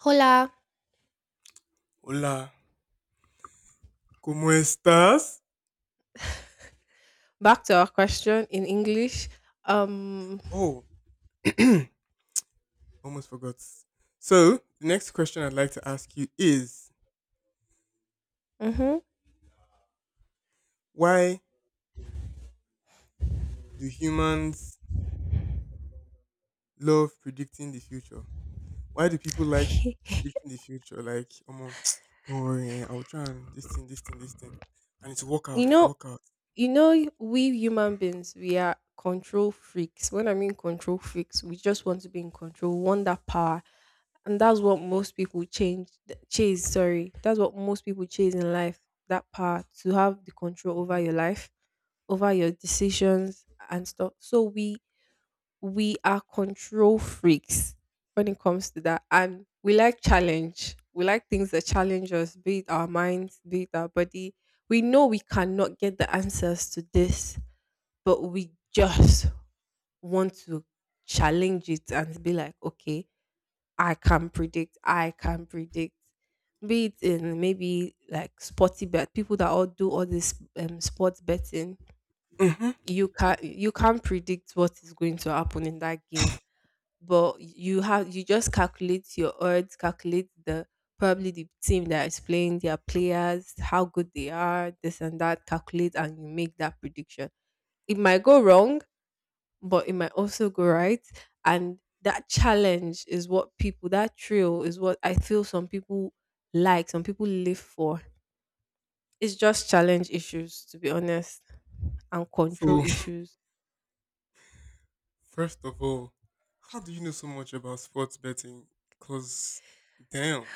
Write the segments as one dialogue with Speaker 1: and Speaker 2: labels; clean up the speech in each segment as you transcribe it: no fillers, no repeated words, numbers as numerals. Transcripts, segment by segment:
Speaker 1: Hola.
Speaker 2: Hola, ¿cómo estás?
Speaker 1: Back to our question in English. Um,
Speaker 2: Oh, almost forgot. So, the next question I'd like to ask you is
Speaker 1: mhm.
Speaker 2: why do humans love predicting the future? Why do people like predicting the future? Like, don't worry, eh, I'll try and this thing. And it's work out,
Speaker 1: you
Speaker 2: it's
Speaker 1: know,
Speaker 2: work out.
Speaker 1: you know, we human beings, we are control freaks. When I mean control freaks, we just want to be in control, we want that power, and that's what most people that's what most people chase in life. That power to have the control
Speaker 2: Hmm.
Speaker 1: over your life, over your decisions and stuff. So we are control freaks when it comes to that. And we like challenge. We like things that challenge us, be it our minds, be it our body. We know we cannot get the answers to this, but we just want to challenge it and be like, okay, I can predict. Be it in maybe like sporty bet, people that all do all this sports betting,
Speaker 2: Hmm.
Speaker 1: you can't predict what is going to happen in that game but you just calculate your odds, calculate the probably the team that is playing, their players, how good they are, this and that, calculate and you make that prediction. It might go wrong, but it might also go right. And that challenge is what people that thrill is what I feel some some people live for. It's just challenge issues, to be honest, and
Speaker 2: So,
Speaker 1: control issues.
Speaker 2: first of all, how do you know so much about sports betting? Because, damn.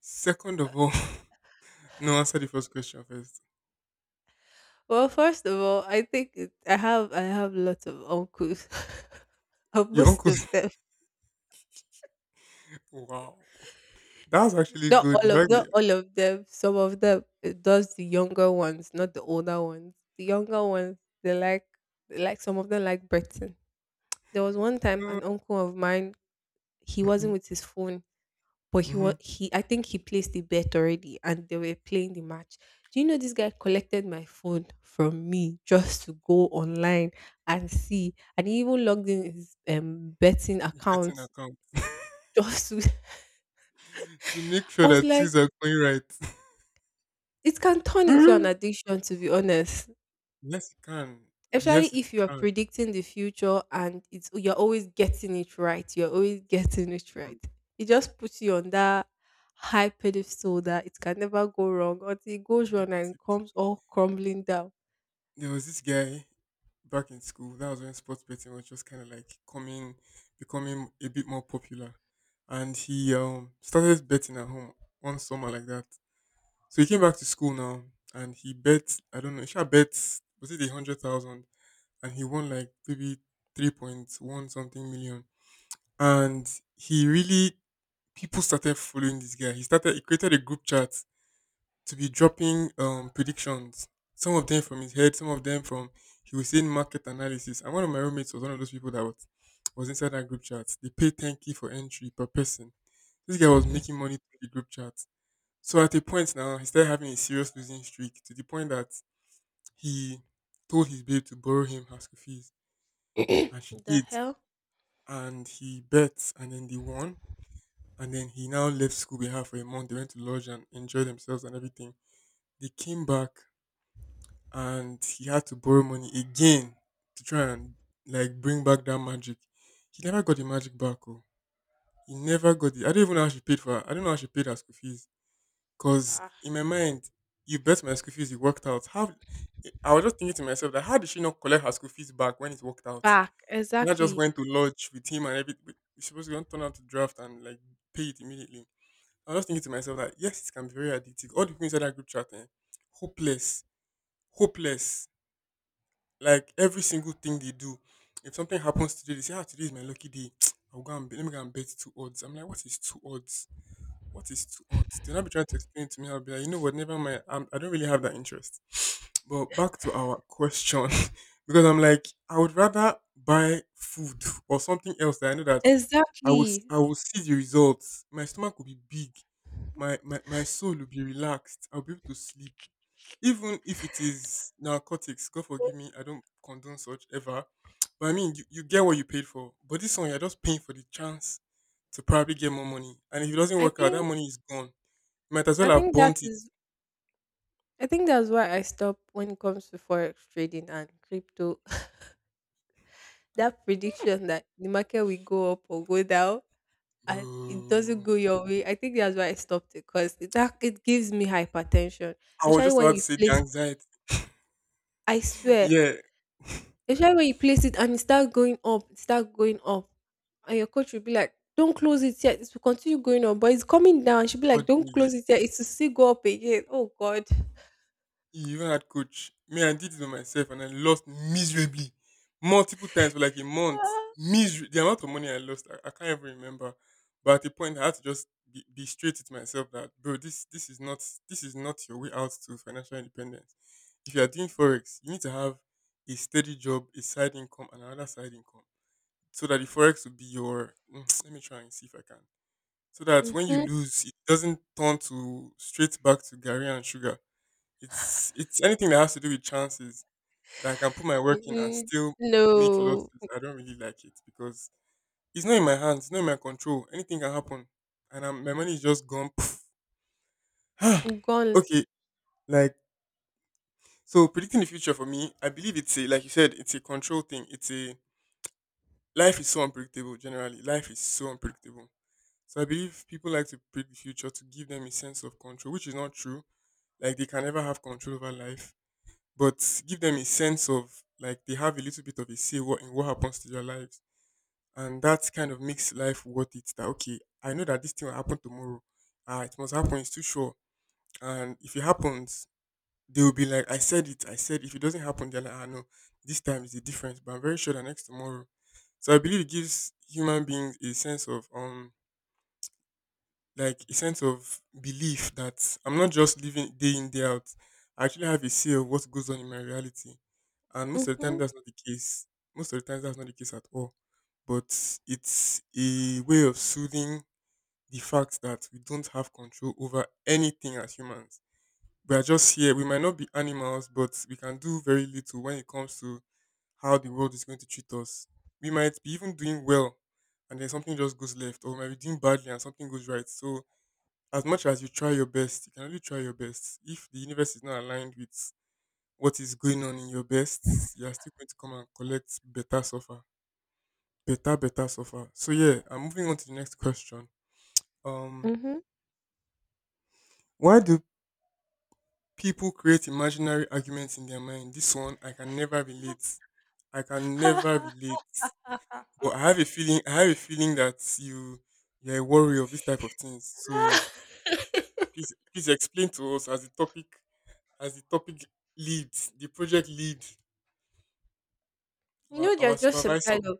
Speaker 2: Second of all, no, answer the first question first.
Speaker 1: Well, first of all, I have lots of uncles. of
Speaker 2: Your
Speaker 1: most
Speaker 2: uncle.
Speaker 1: of them,
Speaker 2: Wow, that's actually good. You heard
Speaker 1: not
Speaker 2: it.
Speaker 1: all of them. Some of them, it does the younger ones, not the older ones. The younger ones, they like they like some of them like Britain. There was one time
Speaker 2: Mm.
Speaker 1: an uncle of mine. He
Speaker 2: Mhm.
Speaker 1: wasn't with his phone. But he was
Speaker 2: Mhm.
Speaker 1: he I think he placed the bet already and they were playing the match. Do you know this guy collected my phone from me just to go online and see and he even logged in his betting
Speaker 2: You're
Speaker 1: account
Speaker 2: Getting account
Speaker 1: just to
Speaker 2: to make sure
Speaker 1: I was
Speaker 2: that
Speaker 1: like
Speaker 2: things are going right.
Speaker 1: it can turn into an addiction to be honest.
Speaker 2: Yes, it can.
Speaker 1: Especially
Speaker 2: Yes, it
Speaker 1: if you are
Speaker 2: can.
Speaker 1: predicting the future and it's you're always getting it right. You're always getting it
Speaker 2: Hmm.
Speaker 1: right. It just puts you on that high pedestal that it can never go wrong until it goes
Speaker 2: Right.
Speaker 1: wrong and it comes all crumbling down.
Speaker 2: There was this guy back in school. That was when sports betting was just kind of like coming, becoming a bit more popular, and he started betting at home one summer like that. So he came back to school now, and he bet. I don't know. He should bet. Was it 100,000? And he won like maybe 3.1 something million. And he really, people started following this guy. He started, he created a group chat to be dropping predictions. Some of them from his head, some of them from, he was saying market analysis. And one of my roommates was one of those people that was inside that group chat. They paid 10K for entry per person. This guy was making money through the group chat. So at a point now, he started having a serious losing streak to the point that he told his babe to borrow him her school fees, and she did.
Speaker 1: the hell?
Speaker 2: And he bet and then they won. And then he now left school behind for a month. They went to lodge and enjoy themselves and everything. They came back and he had to borrow money again to try and like bring back that magic. He never got the magic back. Oh. He never got it. I don't even know how she paid for her. I don't know how she paid her school fees. Cause
Speaker 1: Ah.
Speaker 2: in my mind, you bet my school fees, it worked out. How? I was just thinking to myself that how did she not collect her school fees back when it worked out?
Speaker 1: Back.
Speaker 2: And I just
Speaker 1: Exactly.
Speaker 2: went to lodge with him and everything. It's supposed to don't turn out to draft and like pay it immediately. I was just thinking to myself that yes, it can be very addictive. All the people inside that group chat, eh, hopeless, hopeless. Like every single thing they do, if something happens today, they say, "Ah, today is my lucky day. I'll go and bet. Let me go and bet two odds." I'm like, "What is two odds? What is too odd?" They not be trying to explain to me. I'll be like, you know what? Never mind. I'm, I don't really have that interest. But back to our question, because I'm like, I would rather buy food or something else that I know that I will s-
Speaker 1: Exactly.
Speaker 2: I will see the results. My stomach will be big. My soul will be relaxed. I'll be able to sleep even if it is narcotics, God forgive me, I don't condone such ever. But I mean, you get what you paid for. But this one, you're just paying for the chance to probably get more money. And if it doesn't
Speaker 1: I
Speaker 2: work out, that
Speaker 1: think
Speaker 2: money is gone. You might as well
Speaker 1: I
Speaker 2: have
Speaker 1: think that
Speaker 2: burnt it.
Speaker 1: is I think that's why I stop when it comes to forex trading and crypto. that prediction that the market will go up or go down and it doesn't
Speaker 2: Bro.
Speaker 1: go your way. I think that's why I stopped it because that it gives me hypertension.
Speaker 2: I was
Speaker 1: Especially
Speaker 2: just
Speaker 1: when
Speaker 2: about to
Speaker 1: you
Speaker 2: say the
Speaker 1: place
Speaker 2: anxiety.
Speaker 1: I swear,
Speaker 2: Yeah,
Speaker 1: especially when you place it and it starts going up, it starts going up. And your coach will be like, don't close it yet, it will continue going up, but it's coming down. She'll be like, don't
Speaker 2: suddenly.
Speaker 1: close it yet, it will still go up again. Oh god.
Speaker 2: You even had coach. Me, I did it by myself and I lost miserably. Multiple times for like a month. Miser- the amount of money I lost, I can't even remember. But at the point I had to just be straight with myself that bro, this is not your way out to financial independence. If you are doing Forex, you need to have a steady job, a side income, and another side income. So that the Forex will be your let me try and see if I can. So that when you
Speaker 1: Mm-hmm.
Speaker 2: lose, it doesn't turn to straight back to Gary and sugar. It's anything that has to do with chances that I can put my work in and
Speaker 1: Mm-hmm.
Speaker 2: still make
Speaker 1: No.
Speaker 2: losses. I don't really like it because it's not in my hands, it's not in my control. Anything can happen, and I my money is just gone. Poof.
Speaker 1: Gone.
Speaker 2: Okay, like so predicting the future for me, I believe it's a, like you said, it's a control thing. It's a life is so unpredictable. Generally, life is so unpredictable. So I believe people like to predict the future to give them a sense of control, which is not true. Like they can never have control over life but give them a sense of like they have a little bit of a say what, in what happens to their lives. And that kind of makes life worth it. That, okay, I know that this thing will happen tomorrow. Ah, it must happen. It's too sure. And if it happens, they will be like, I said it. I said if it doesn't happen, they're like, ah, no, this time is the difference. But I'm very sure that next tomorrow. So I believe it gives human beings a sense of like a sense of belief that I'm not just living day in, day out. I actually have a say of what goes on in my reality. And most of the time
Speaker 1: Mm-hmm.
Speaker 2: that's not the case. Most of the time that's not the case at all. But it's a way of soothing the fact that we don't have control over anything as humans. We are just here. We might not be animals, but we can do very little when it comes to how the world is going to treat us. We might be even doing well and then something just goes left, or we might be doing badly and something goes right. So as much as you try your best, you can only try your best. If the universe is not aligned with what is going on in your best, you are still going to come and collect better suffer. Better, better suffer. So yeah, I'm moving on to the next question. Um,
Speaker 1: Mm-hmm.
Speaker 2: why do people create imaginary arguments in their mind? This one I can never relate. I can never relate. But I have a feeling that you're a worry of this type of things. So please explain to us as a topic as the topic lead, the project lead,
Speaker 1: You
Speaker 2: our,
Speaker 1: know,
Speaker 2: our
Speaker 1: there's just some
Speaker 2: supervisor.
Speaker 1: kind of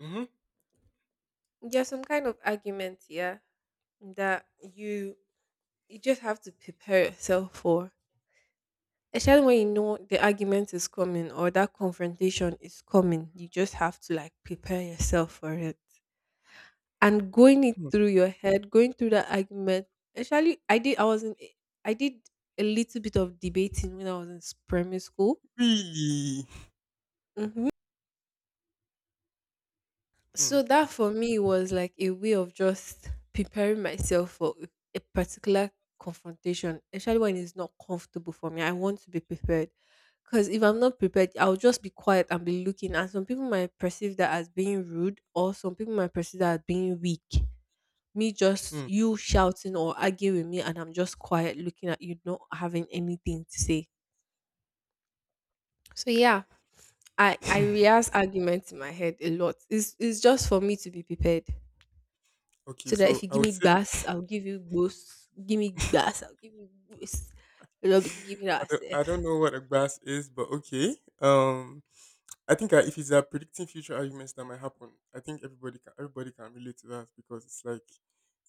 Speaker 2: Hmm.
Speaker 1: there's some kind of argument, yeah, that you just have to prepare yourself for, especially when you know the argument is coming or that confrontation is coming. You just have to like prepare yourself for it and going it
Speaker 2: Hmm.
Speaker 1: through your head going through that argument. Actually i did i was in i did a little bit of debating when I was in primary school.
Speaker 2: Really?
Speaker 1: Mhm.
Speaker 2: Hmm.
Speaker 1: So that for me was like a way of just preparing myself for a particular confrontation, especially when it's not comfortable for me. I want to be prepared. Because if I'm not prepared, I'll just be quiet and be looking. And some people might perceive that as being rude, or some people might perceive that as being weak. Me just
Speaker 2: Hmm.
Speaker 1: you shouting or arguing with me, and I'm just quiet looking at you, not having anything to say. So yeah, I rehearse arguments in my head a lot. It's just for me to be prepared.
Speaker 2: Okay,
Speaker 1: So that if
Speaker 2: so
Speaker 1: you
Speaker 2: I
Speaker 1: give
Speaker 2: would
Speaker 1: me
Speaker 2: say
Speaker 1: gas, I'll give you boost. Give me gas, I'll give you boost. We'll be giving ourselves.
Speaker 2: I don't know what a grass is, but okay. I think if it's predicting future arguments that might happen, I think everybody can relate to that because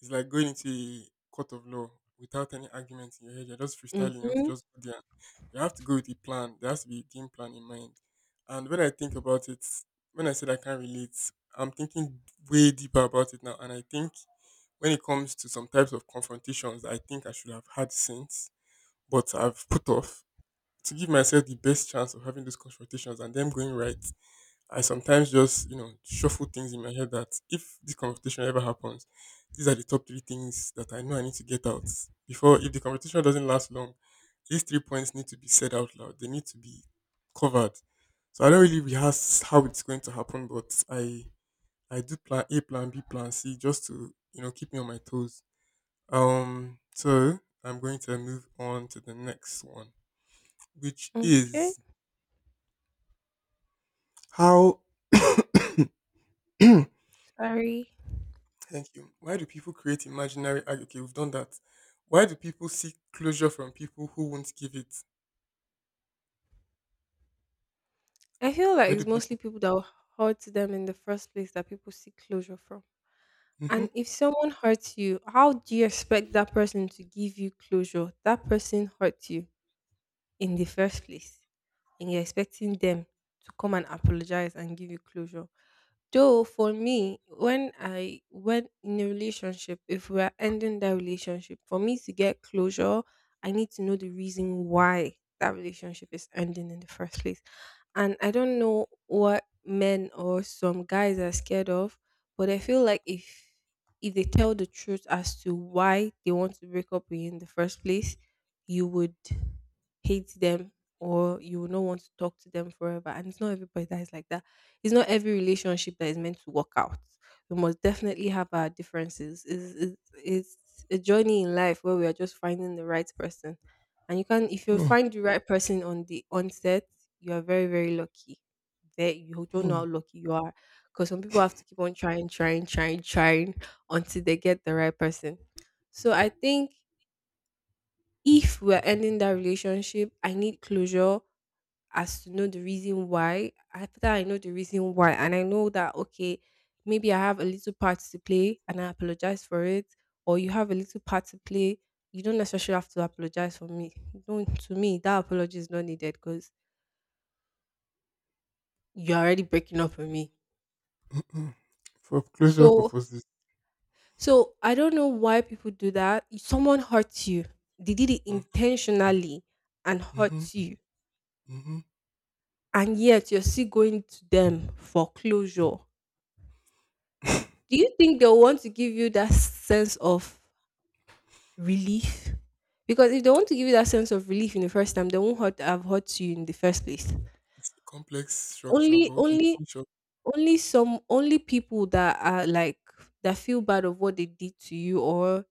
Speaker 2: it's like going into a court of law without any argument in your head. You're just freestyling. You have to
Speaker 1: Mm-hmm.
Speaker 2: just go there. You have to go with a plan. There has to be a game plan in mind. And when I think about it, when I said I can't relate, I'm thinking way deeper about it now. And I think when it comes to some types of confrontations, that I think I should have had since, but I've put off to give myself the best chance of having those confrontations and them going right. I sometimes just, you know, shuffle things in my head that if this competition ever happens, these are the top three things that I know I need to get out before if the competition doesn't last long, these three points need to be said out loud. They need to be covered. So I don't really rehearse how it's going to happen, but I do plan A, plan B, plan C just to, you know, keep me on my toes. So I'm going to move on to the next one, which
Speaker 1: Okay.
Speaker 2: is how
Speaker 1: Sorry.
Speaker 2: Thank you. Why do people create imaginary? Ah, okay, we've done that. Why do people seek closure from people who won't give it?
Speaker 1: I feel
Speaker 2: Why
Speaker 1: like
Speaker 2: do
Speaker 1: it's mostly
Speaker 2: people?
Speaker 1: people that hurt them in the first place that people seek closure from.
Speaker 2: Mm-hmm.
Speaker 1: And if someone hurts you, how do you expect that person to give you closure? That person hurt you in the first place, and you're expecting them to come and apologize and give you closure. Though for me, when in a relationship, if we are ending that relationship, for me to get closure, I need to know the reason why that relationship is ending in the first place. And I don't know what men or some guys are scared of, but I feel like if they tell the truth as to why they want to break up with you in the first place, you would hate them or you will not want to talk to them forever. And it's not everybody that is like that. It's not every relationship that is meant to work out. We must definitely have our differences. It's a journey in life where we are just finding the right person. And you can, if you find the right person on the onset, you are very, very lucky. There, you don't know
Speaker 2: Mm-hmm.
Speaker 1: how lucky you are. Because some people have to keep on trying until they get the right person. So I think if we're ending that relationship, I need closure as to know the reason why. After I know the reason why, and I know that, okay, maybe I have a little part to play and I apologize for it, or you have a little part to play, you don't necessarily have to apologize for me. Don't, To me, that apology is not needed because you're already breaking up with me.
Speaker 2: Mm-hmm. For closure
Speaker 1: So,
Speaker 2: purposes.
Speaker 1: so, I don't know why people do that. If someone hurts you, they did it intentionally and
Speaker 2: Mm-hmm.
Speaker 1: hurt you,
Speaker 2: Mm-hmm.
Speaker 1: and yet you're still going to them for closure. Do you think they'll want to give you that sense of relief? Because if they want to give you that sense of relief in the first time, they won't hurt, have hurt you in the first place.
Speaker 2: It's a complex structure, but
Speaker 1: Only,
Speaker 2: okay.
Speaker 1: only,
Speaker 2: Sure.
Speaker 1: only people that are like that feel bad of what they did to you or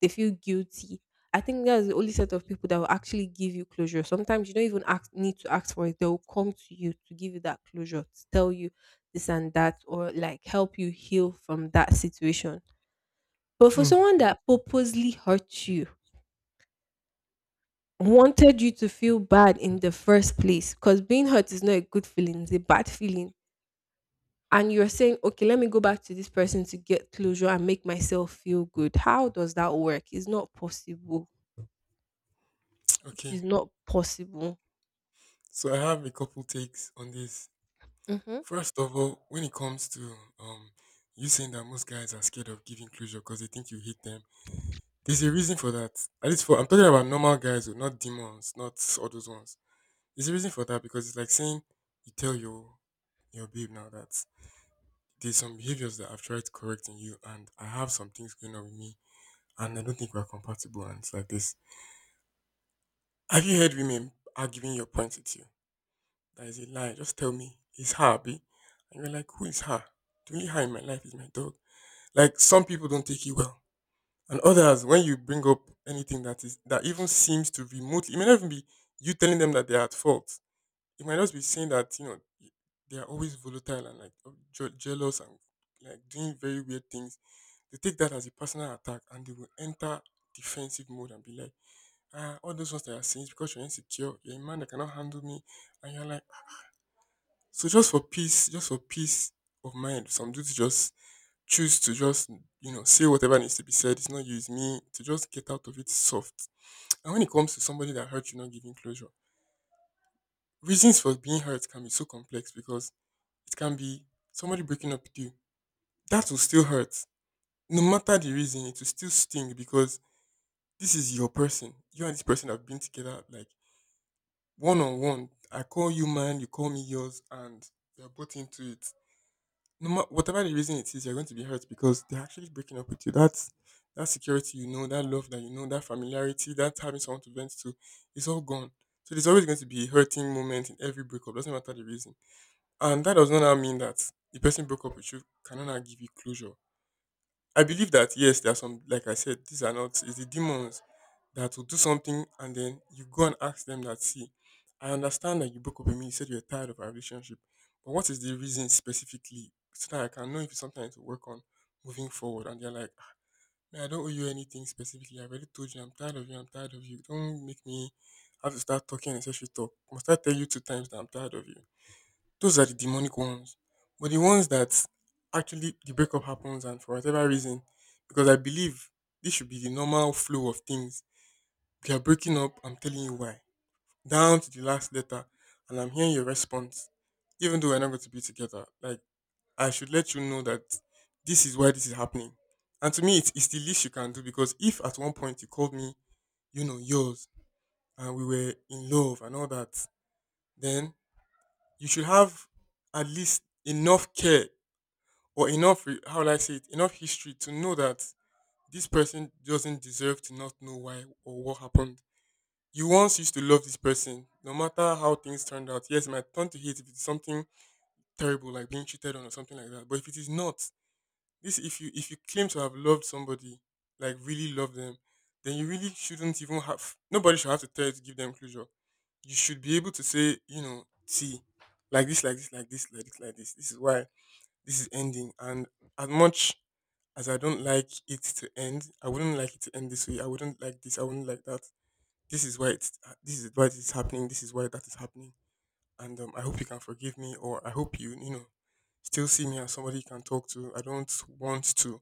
Speaker 1: they feel guilty. I think that's the only set of people that will actually give you closure. Sometimes you don't even need to ask for it. They will come to you to give you that closure, to tell you this and that, or like help you heal from that situation. But for
Speaker 2: Hmm.
Speaker 1: someone that purposely hurt you, wanted you to feel bad in the first place, because being hurt is not a good feeling, it's a bad feeling. And you're saying, okay, let me go back to this person to get closure and make myself feel good. How does that work? It's not possible. It
Speaker 2: Okay.
Speaker 1: is not possible.
Speaker 2: So I have a couple takes on this.
Speaker 1: Hmm.
Speaker 2: First of all, when it comes to um, you saying that most guys are scared of giving closure because they think you hate them, there's a reason for that. At least for, I'm talking about normal guys. Oh, not demons, not all those ones. There's a reason for that because it's like saying you tell your babe now that there's some behaviors that I've tried to correct in you, and I have some things going on with me, and I don't think we're compatible. And it's like this. Have you heard women arguing your points with you? That is a lie. Just tell me it's her, and you're like, who is her? The only her in my life is my dog. Like some people don't take it well, and others when you bring up anything that even seems to remotely, it may not even be you telling them that they're at fault. You might just be seeing that they are always volatile and like jealous and like doing very weird things. They take that as a personal attack and they will enter defensive mode and be like, ah, all those ones that are saying is because you're insecure, you're a man that cannot handle me, and you're like, so just for peace of mind, some dudes just choose to just say whatever needs to be said. It's not you, it's me. To just get out of it soft. And when it comes to somebody that hurt you, not giving closure, reasons for being hurt can be so complex because it can be somebody breaking up with you. That will still hurt. No matter the reason, it will still sting because this is your person. You and this person have been together like one on one. I call you mine, you call me yours, and we are both into it. No matter whatever the reason it is, you're going to be hurt because they're actually breaking up with you. That's that security, that love, that familiarity, that having someone to vent to, it's all gone. So there's always going to be a hurting moment in every breakup, doesn't matter the reason. And that does not now mean that the person broke up with you cannot now give you closure. I believe that yes, there are some like I said, these are not it's the demons that will do something and then you go and ask them that see, I understand that you broke up with me, you said you're tired of our relationship. But what is the reason specifically? So that I can know if it's something I need to work on moving forward. And they're like, "Ah, man, I don't owe you anything specifically. I already told you I'm tired of you, I'm tired of you. Don't make me have to start talking and say she talk. Must I tell you two times that I'm tired of you?" Those are the demonic ones. But the ones that actually the breakup happens and for whatever reason, because I believe this should be the normal flow of things. We are breaking up, I'm telling you why. Down to the last letter, and I'm hearing your response. Even though we're not going to be together, like I should let you know that this is why this is happening. And to me, it's the least you can do because if at one point you called me, yours, and we were in love and all that, then you should have at least enough care or enough how will I say it enough history to know that this person doesn't deserve to not know why or what happened. You once used to love this person, no matter how things turned out. Yes, it might turn to hate if it's something terrible like being cheated on or something like that. But if it is not, this if you claim to have loved somebody, like really love them, then you really shouldn't even have nobody should have to tell you to give them closure. You should be able to say, see, like this, like this, like this, like this, like this. This is why this is ending. And as much as I don't like it to end. I wouldn't like it to end this way. I wouldn't like this. I wouldn't like that. This is why it's this is why it's happening. This is why that is happening. And I hope you can forgive me, or I hope you you know still see me as somebody you can talk to. I don't want to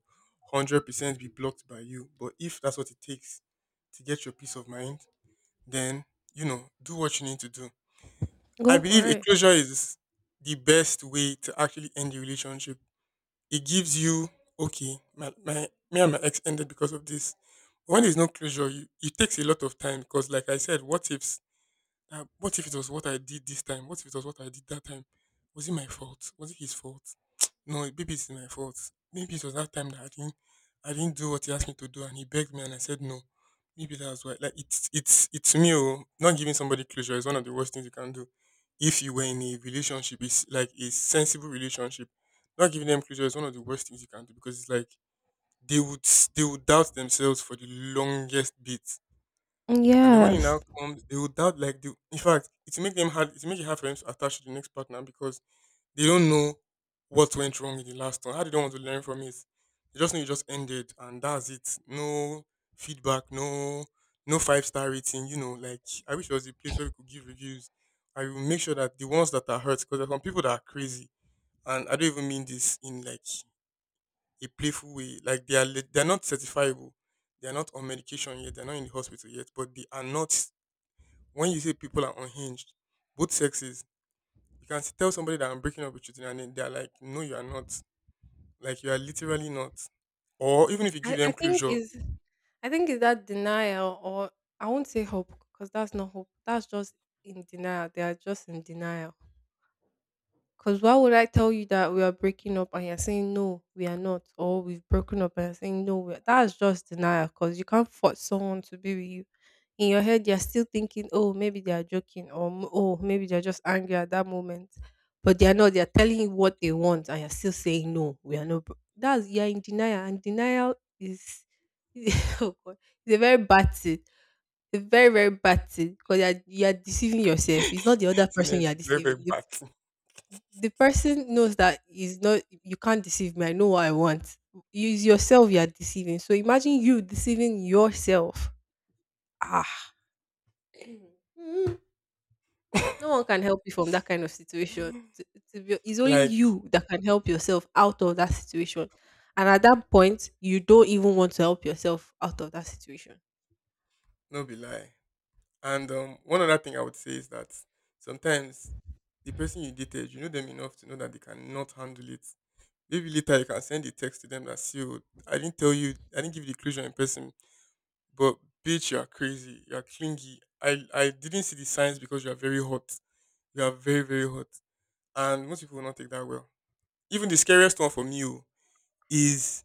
Speaker 2: 100% be blocked by you. But if that's what it takes to get your peace of mind, then do what you need to do. I
Speaker 1: Go
Speaker 2: believe
Speaker 1: for
Speaker 2: a
Speaker 1: it.
Speaker 2: closure is the best way to actually end the relationship. It gives you, okay, my me and my ex ended because of this. When there's no closure it takes a lot of time because like I said what ifs, what if it was what I did this time? What if it was what I did that time? Was it my fault? Was it his fault? No, maybe it's my fault. Maybe it was that time that I didn't do what he asked me to do, and he begged me, and I said no. Maybe that's why. Like it's me. Oh, not giving somebody closure is one of the worst things you can do. If you were in a relationship, it's like a sensible relationship. Not giving them closure is one of the worst things you can do because it's like they would doubt themselves for the longest bit. And then when it now
Speaker 1: Yes.
Speaker 2: comes, they will doubt like the in fact, it will make it hard for them to attach to the next partner because they don't know what went wrong in the last one. How they don't want to learn from it. They just know it just ended and that's it. No feedback, no five-star rating, like I wish it was a place where we could give reviews. I will make sure that the ones that are hurt, because there are some people that are crazy, and I don't even mean this in like a playful way. Like they are not certifiable. They are not on medication yet, they're not in the hospital yet, but they are not when you say people are unhinged, both sexes, you can tell somebody that I'm breaking up with you today, and then they're like, "No, you are not. Like you are literally not." Or even if you give
Speaker 1: I
Speaker 2: them
Speaker 1: think
Speaker 2: closure,
Speaker 1: is that denial or I won't say hope because that's not hope. That's just in denial. They are just in denial. Because why would I tell you that we are breaking up and you're saying no, we are not, or we've broken up and you're saying no, we are. That's just denial. Because you can't force someone to be with you. In your head, you're still thinking, oh, maybe they are joking, or "M- oh, maybe they're just angry at that moment, but they are not. They are telling you what they want, and you're still saying no, we are not. Bro-" That's you're in denial, and denial is oh God, it's a very bad thing. It's a very very bad thing because you're deceiving yourself. It's not the other
Speaker 2: it's
Speaker 1: person
Speaker 2: it's
Speaker 1: you're
Speaker 2: very very
Speaker 1: deceiving.
Speaker 2: bad.
Speaker 1: The person knows that is not you can't deceive me. I know what I want. Use yourself you are deceiving. So imagine you deceiving yourself. Ah. Mm. No one can help you from that kind of situation. It's only
Speaker 2: Like
Speaker 1: you that can help yourself out of that situation. And at that point, you don't even want to help yourself out of that situation.
Speaker 2: no be lie. And one other thing I would say is that sometimes the person you dated, you know them enough to know that they cannot handle it. Maybe later you can send a text to them that see, oh, I didn't tell you, I didn't give you the closure in person, but bitch, you are crazy, you are clingy. I didn't see the signs because you are very hot. You are very, very hot. And most people will not take that well. Even the scariest one for me, oh, is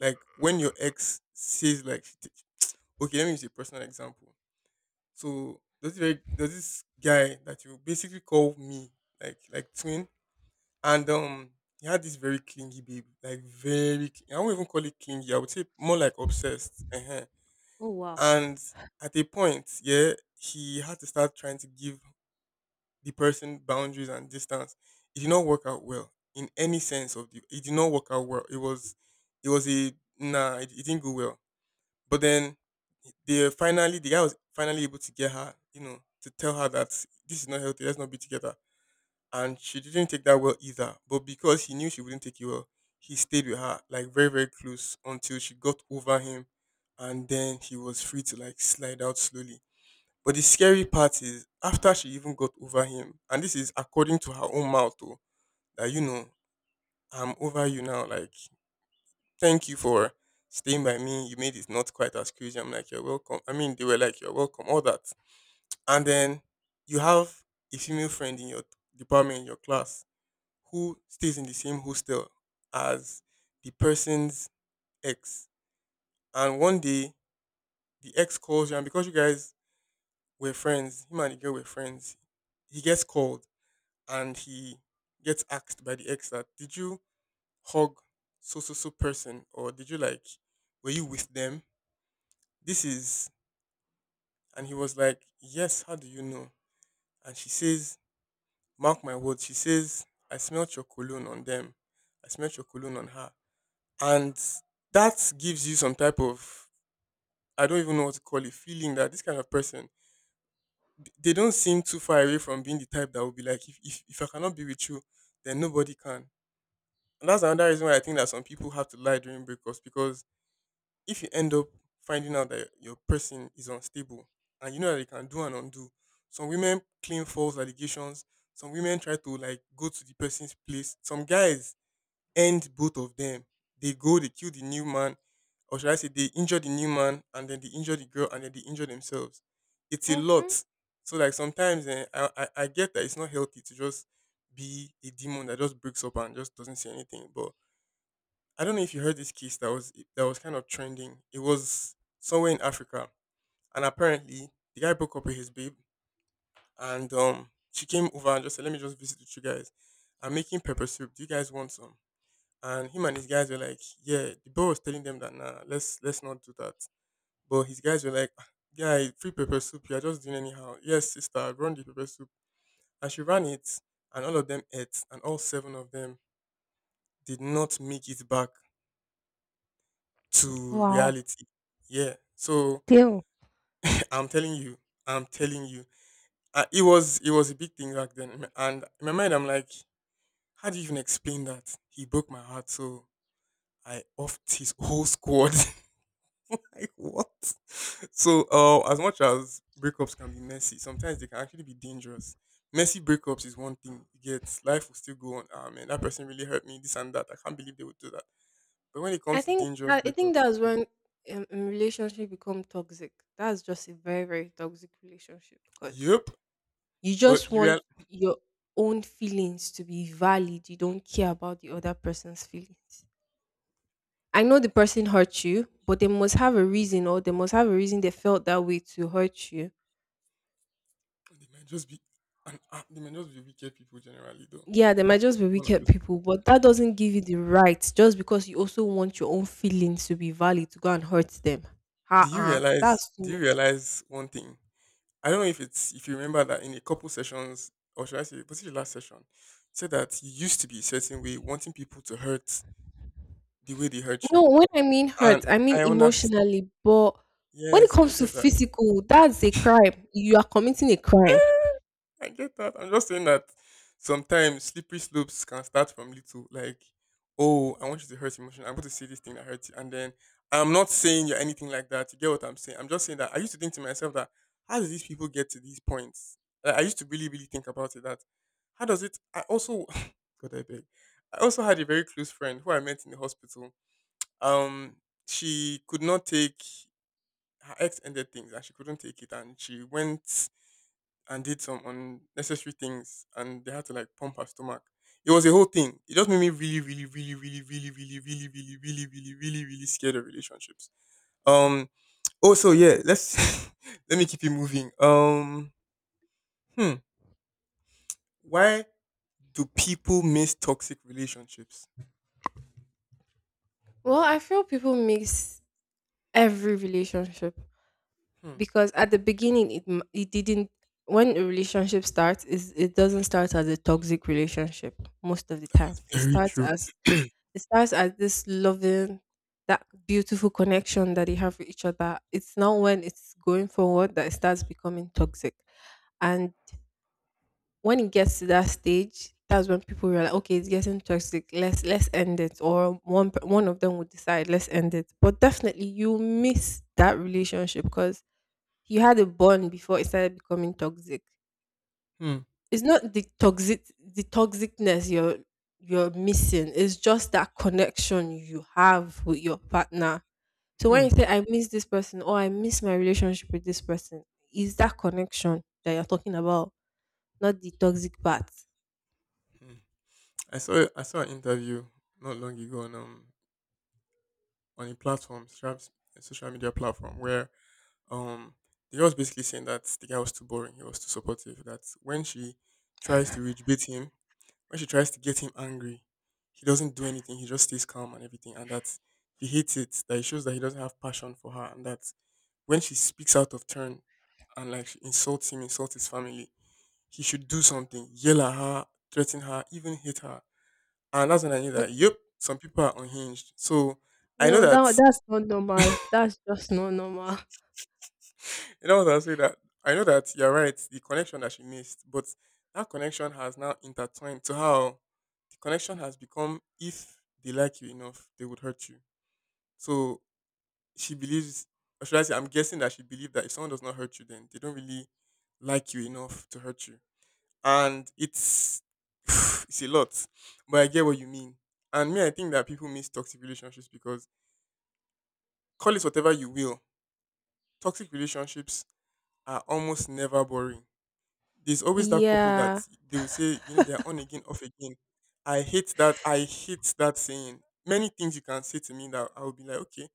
Speaker 2: like when your ex says like okay, let me use a personal example. So there's this guy that you basically call me like twin, and he had this very clingy babe, like very I won't even call it clingy, I would say more like obsessed. And at a point, yeah, he had to start trying to give the person boundaries and distance. It did not work out well in any sense of the. It did not work out well. It was a nah. It didn't go well. But then, the guy was finally able to get her. You know, to tell her that this is not healthy. Let's not be together. And she didn't take that well either. But because he knew she wouldn't take it well, he stayed with her like very very close until she got over him, and then he was free to like slide out slowly. But the scary part is after she even got over him, and this is according to her own mouth, oh, that you know, I'm over you now. Like, thank you for staying by me. You made it not quite as crazy. I'm like, you're welcome. I mean, they were like, you're welcome, all that. And then you have a female friend in your department, in your class, who stays in the same hostel as the person's ex. And one day the ex calls you, and because you guys were friends, him and the girl were friends, he gets called and he gets asked by the ex that did you hug so so so person or did you like were you with them? This is and he was like, yes, how do you know? And she says, mark my words, she says, I smelt your cologne on them. I smelt your cologne on her. And that gives you some type of, I don't even know what to call it, feeling that this kind of person, they don't seem too far away from being the type that would be like, if I cannot be with you, then nobody can. And that's another reason why I think that some people have to lie during breakups, because if you end up finding out that your person is unstable and you know that they can do and undo, some women claim false allegations. Some women try to like go to the person's place. Some guys end both of them. They go, they kill the new man, or should I say, they injure the new man and then they injure the girl and then they injure themselves. It's a
Speaker 1: Hmm.
Speaker 2: lot. So, like, sometimes I get that it's not healthy to just be a demon that just breaks up and just doesn't say anything. But I don't know if you heard this case that was kind of trending. It was somewhere in Africa, and apparently the guy broke up with his babe, and she came over and just said, "Let me just visit with you guys. I'm making pepper soup. Do you guys want some?" And him and his guys were like, "Yeah." The boy was telling them that, "Nah, let's not do that." But his guys were like, "Ah, guy, free pepper soup. You're just doing anyhow." Yes, sister, run the pepper soup. And she ran it, and all of them ate, and all seven of them did not make it back to
Speaker 1: Wow.
Speaker 2: reality. Yeah. So
Speaker 1: Damn.
Speaker 2: I'm telling you, I'm telling you, it was a big thing back then. And in my mind, I'm like, how do you even explain that? He broke my heart, so I offed his whole squad. Like, what? So, as much as breakups can be messy, sometimes they can actually be dangerous. Messy breakups is one thing. You get, life will still go on. Ah, man, that person really hurt me. This and that. I can't believe they would do that. But when it
Speaker 1: I
Speaker 2: comes to
Speaker 1: think
Speaker 2: dangerous
Speaker 1: that I think
Speaker 2: breakups,
Speaker 1: that's
Speaker 2: hmm.
Speaker 1: when relationship become toxic. That's just a very very toxic relationship because
Speaker 2: Yep.
Speaker 1: you
Speaker 2: But
Speaker 1: just
Speaker 2: you real,
Speaker 1: want your own feelings to be valid. You don't care about the other person's feelings. I know the person hurt you, but they must have a reason or they must have a reason they felt that way to hurt you.
Speaker 2: they might just be, an, ah, they might just be wicked people generally, though.
Speaker 1: Yeah, they might just be
Speaker 2: One of
Speaker 1: wicked
Speaker 2: those things.
Speaker 1: people, but that doesn't give you the right just because you also want your own feelings to be valid to go and hurt them.
Speaker 2: Do you
Speaker 1: Uh-uh.
Speaker 2: realize?
Speaker 1: That's too
Speaker 2: Do you
Speaker 1: much.
Speaker 2: realize one thing? I don't know if it's, if you remember, that in a couple sessions, or should I say, was it the last session? You said that you used to be a certain way, wanting people to hurt the way they hurt
Speaker 1: No,
Speaker 2: you,
Speaker 1: when I mean
Speaker 2: and
Speaker 1: hurt, I mean
Speaker 2: I understand.
Speaker 1: emotionally, but when it
Speaker 2: Yes, I
Speaker 1: comes to
Speaker 2: get that.
Speaker 1: physical, that's a crime. You are committing a crime.
Speaker 2: I get that. I'm just saying that sometimes slippery slopes can start from little, like, oh, I want you to hurt emotion. I'm going to say this thing that hurts you. And then I'm not saying you're anything like that. You get what I'm saying? I'm just saying that I used to think to myself, that how do these people get to these points? Like, I used to really, really think about it, that how does it? I also, God, I beg. I also had a very close friend who I met in the hospital. Um, she could not take, her ex ended things, and she couldn't take it, and she went and did some unnecessary things, and they had to like pump her stomach. It was a whole thing. It just made me really, really, really, really, really, really, really, really, really, really, really, really scared of relationships. Um Oh, so yeah, let's, let me keep it moving. Hmm. Why do people miss toxic relationships?
Speaker 1: Well, I feel people mix every relationship
Speaker 2: Hmm.
Speaker 1: because at the beginning it m- it didn't when a relationship starts is it doesn't start as a toxic relationship most of the time.
Speaker 2: Very true.
Speaker 1: It starts as this loving that beautiful connection that you have with each other. It's now when it's going forward that it starts becoming toxic. And when it gets to that stage, that's when people realize, okay, it's getting toxic. Let's end it. Or one of them will decide, let's end it. But definitely, you miss that relationship because you had a bond before it started becoming toxic.
Speaker 2: Hmm.
Speaker 1: It's not the toxic the toxicness you're missing. It's just that connection you have with your partner. So when
Speaker 2: Hmm.
Speaker 1: you say I miss this person or I miss my relationship with this person, is that connection that you're talking about, not the toxic part.
Speaker 2: Hmm. I saw an interview not long ago on a platform, perhaps a social media platform where Um, the girl was basically saying that the guy was too boring, he was too supportive. That when she tries to reach beat him, when she tries to get him angry, he doesn't do anything. He just stays calm and everything, and that he hates it. That it shows that he doesn't have passion for her, and that when she speaks out of turn and like she insults him, insults his family, he should do something, yell at her, threaten her, even hit her. And that's when I knew that,
Speaker 1: Okay.
Speaker 2: yep, some people are unhinged. So I know
Speaker 1: No,
Speaker 2: that.
Speaker 1: that that's not normal. That's just not normal.
Speaker 2: You know what I'll say? That I know that you're right, the connection that she missed, but that connection has now intertwined to how the connection has become, if they like you enough, they would hurt you. So she believes, or should I say, I'm guessing that she believed that if someone does not hurt you, then they don't really like you enough to hurt you. And it's, it's a lot. But I get what you mean. And me, I think that people miss toxic relationships because, call it whatever you will, toxic relationships are almost never boring. There's always that couple that,
Speaker 1: Yeah.
Speaker 2: they will say, they're on again, off again. I hate that. I hate that saying. Many things you can say to me that I'll be like, okay.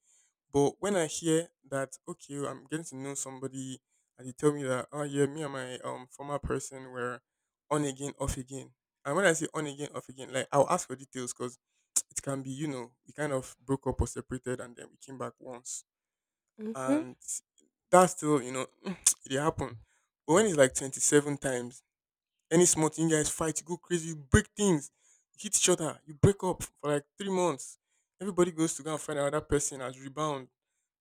Speaker 2: But when I hear that, okay, I'm getting to know somebody, and they tell me that, oh yeah, me and my former person were on again, off again. And when I say on again, off again, like, I'll ask for details, because it can be, we kind of broke up or separated, and then we came back once,
Speaker 1: Mhm.
Speaker 2: and that's still, it happen. But when it's like 27 times, any small thing, you guys fight, you go crazy, you break things, you hit each other, you break up for like 3 months. Everybody goes to go and find another person as rebound.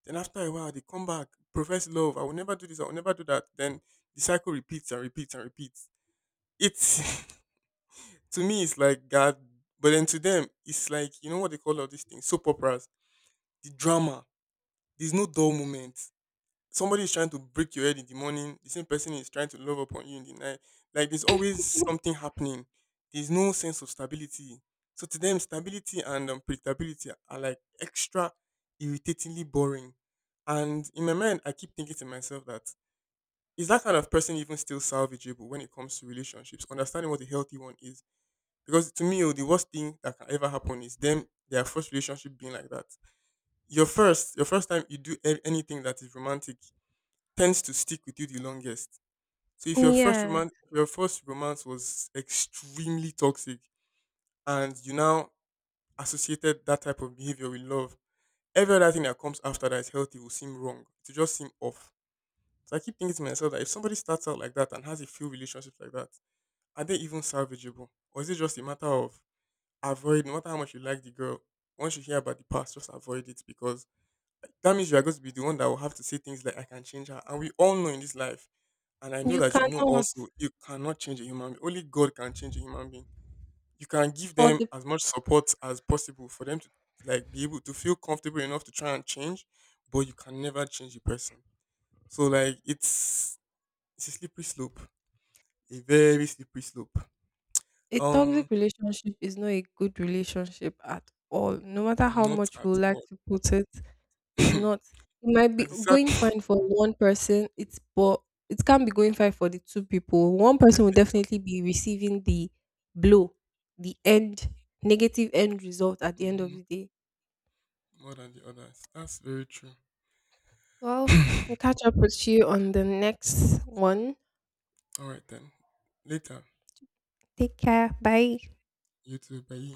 Speaker 2: Then after a while, they come back, profess love. I will never do this. I will never do that. Then the cycle repeats and repeats and repeats. It's, to me, it's like God. But then to them, it's like, you know what they call all these things? Soap operas. The drama. There's no dull moment, somebody is trying to break your head in the morning, the same person is trying to love upon you in the night. Like, there's always something happening. There's no sense of stability. So to them, stability and predictability are like extra irritatingly boring. And in my mind, I keep thinking to myself, that is that kind of person even still salvageable when it comes to relationships? Understanding what a healthy one is. Because to me, oh, the worst thing that can ever happen is them, their first relationship being like that. Your first time you do anything that is romantic tends to stick with you the longest. So if your first
Speaker 1: Yeah.
Speaker 2: romance, your first romance was extremely toxic, and you now associated that type of behavior with love, every other thing that comes after that is healthy will seem wrong. It will just seem off. So I keep thinking to myself that if somebody starts out like that and has a few relationships like that, are they even salvageable, or is it just a matter of avoid? No matter how much you like the girl, once you hear about the past, just avoid it, because that means you are going to be the one that will have to say things like "I can change her," and we all know in this life. And I know
Speaker 1: You
Speaker 2: that you know
Speaker 1: cannot.
Speaker 2: also, you cannot change a human being. Only God can change a human being. You can give
Speaker 1: Or
Speaker 2: them
Speaker 1: the
Speaker 2: as much support as possible for them to like be able to feel comfortable enough to try and change, but you can never change a person. So like, it's a slippery slope. A very slippery slope.
Speaker 1: a toxic
Speaker 2: Um
Speaker 1: relationship is not a good relationship at all. No matter how
Speaker 2: Not
Speaker 1: much
Speaker 2: at
Speaker 1: we would like
Speaker 2: all.
Speaker 1: to put it, it's not.
Speaker 2: And
Speaker 1: It might be
Speaker 2: the sad
Speaker 1: going fine for one person. It's but it can't be going fine for the two people. One person will
Speaker 2: definitely not.
Speaker 1: definitely be receiving the blow, the end negative end result at the end of
Speaker 2: Mhm.
Speaker 1: the day.
Speaker 2: More than the others. That's very true.
Speaker 1: Well, we'll catch up with you on the next one.
Speaker 2: Alright then. Later.
Speaker 1: Take care. Bye.
Speaker 2: You too. Bye.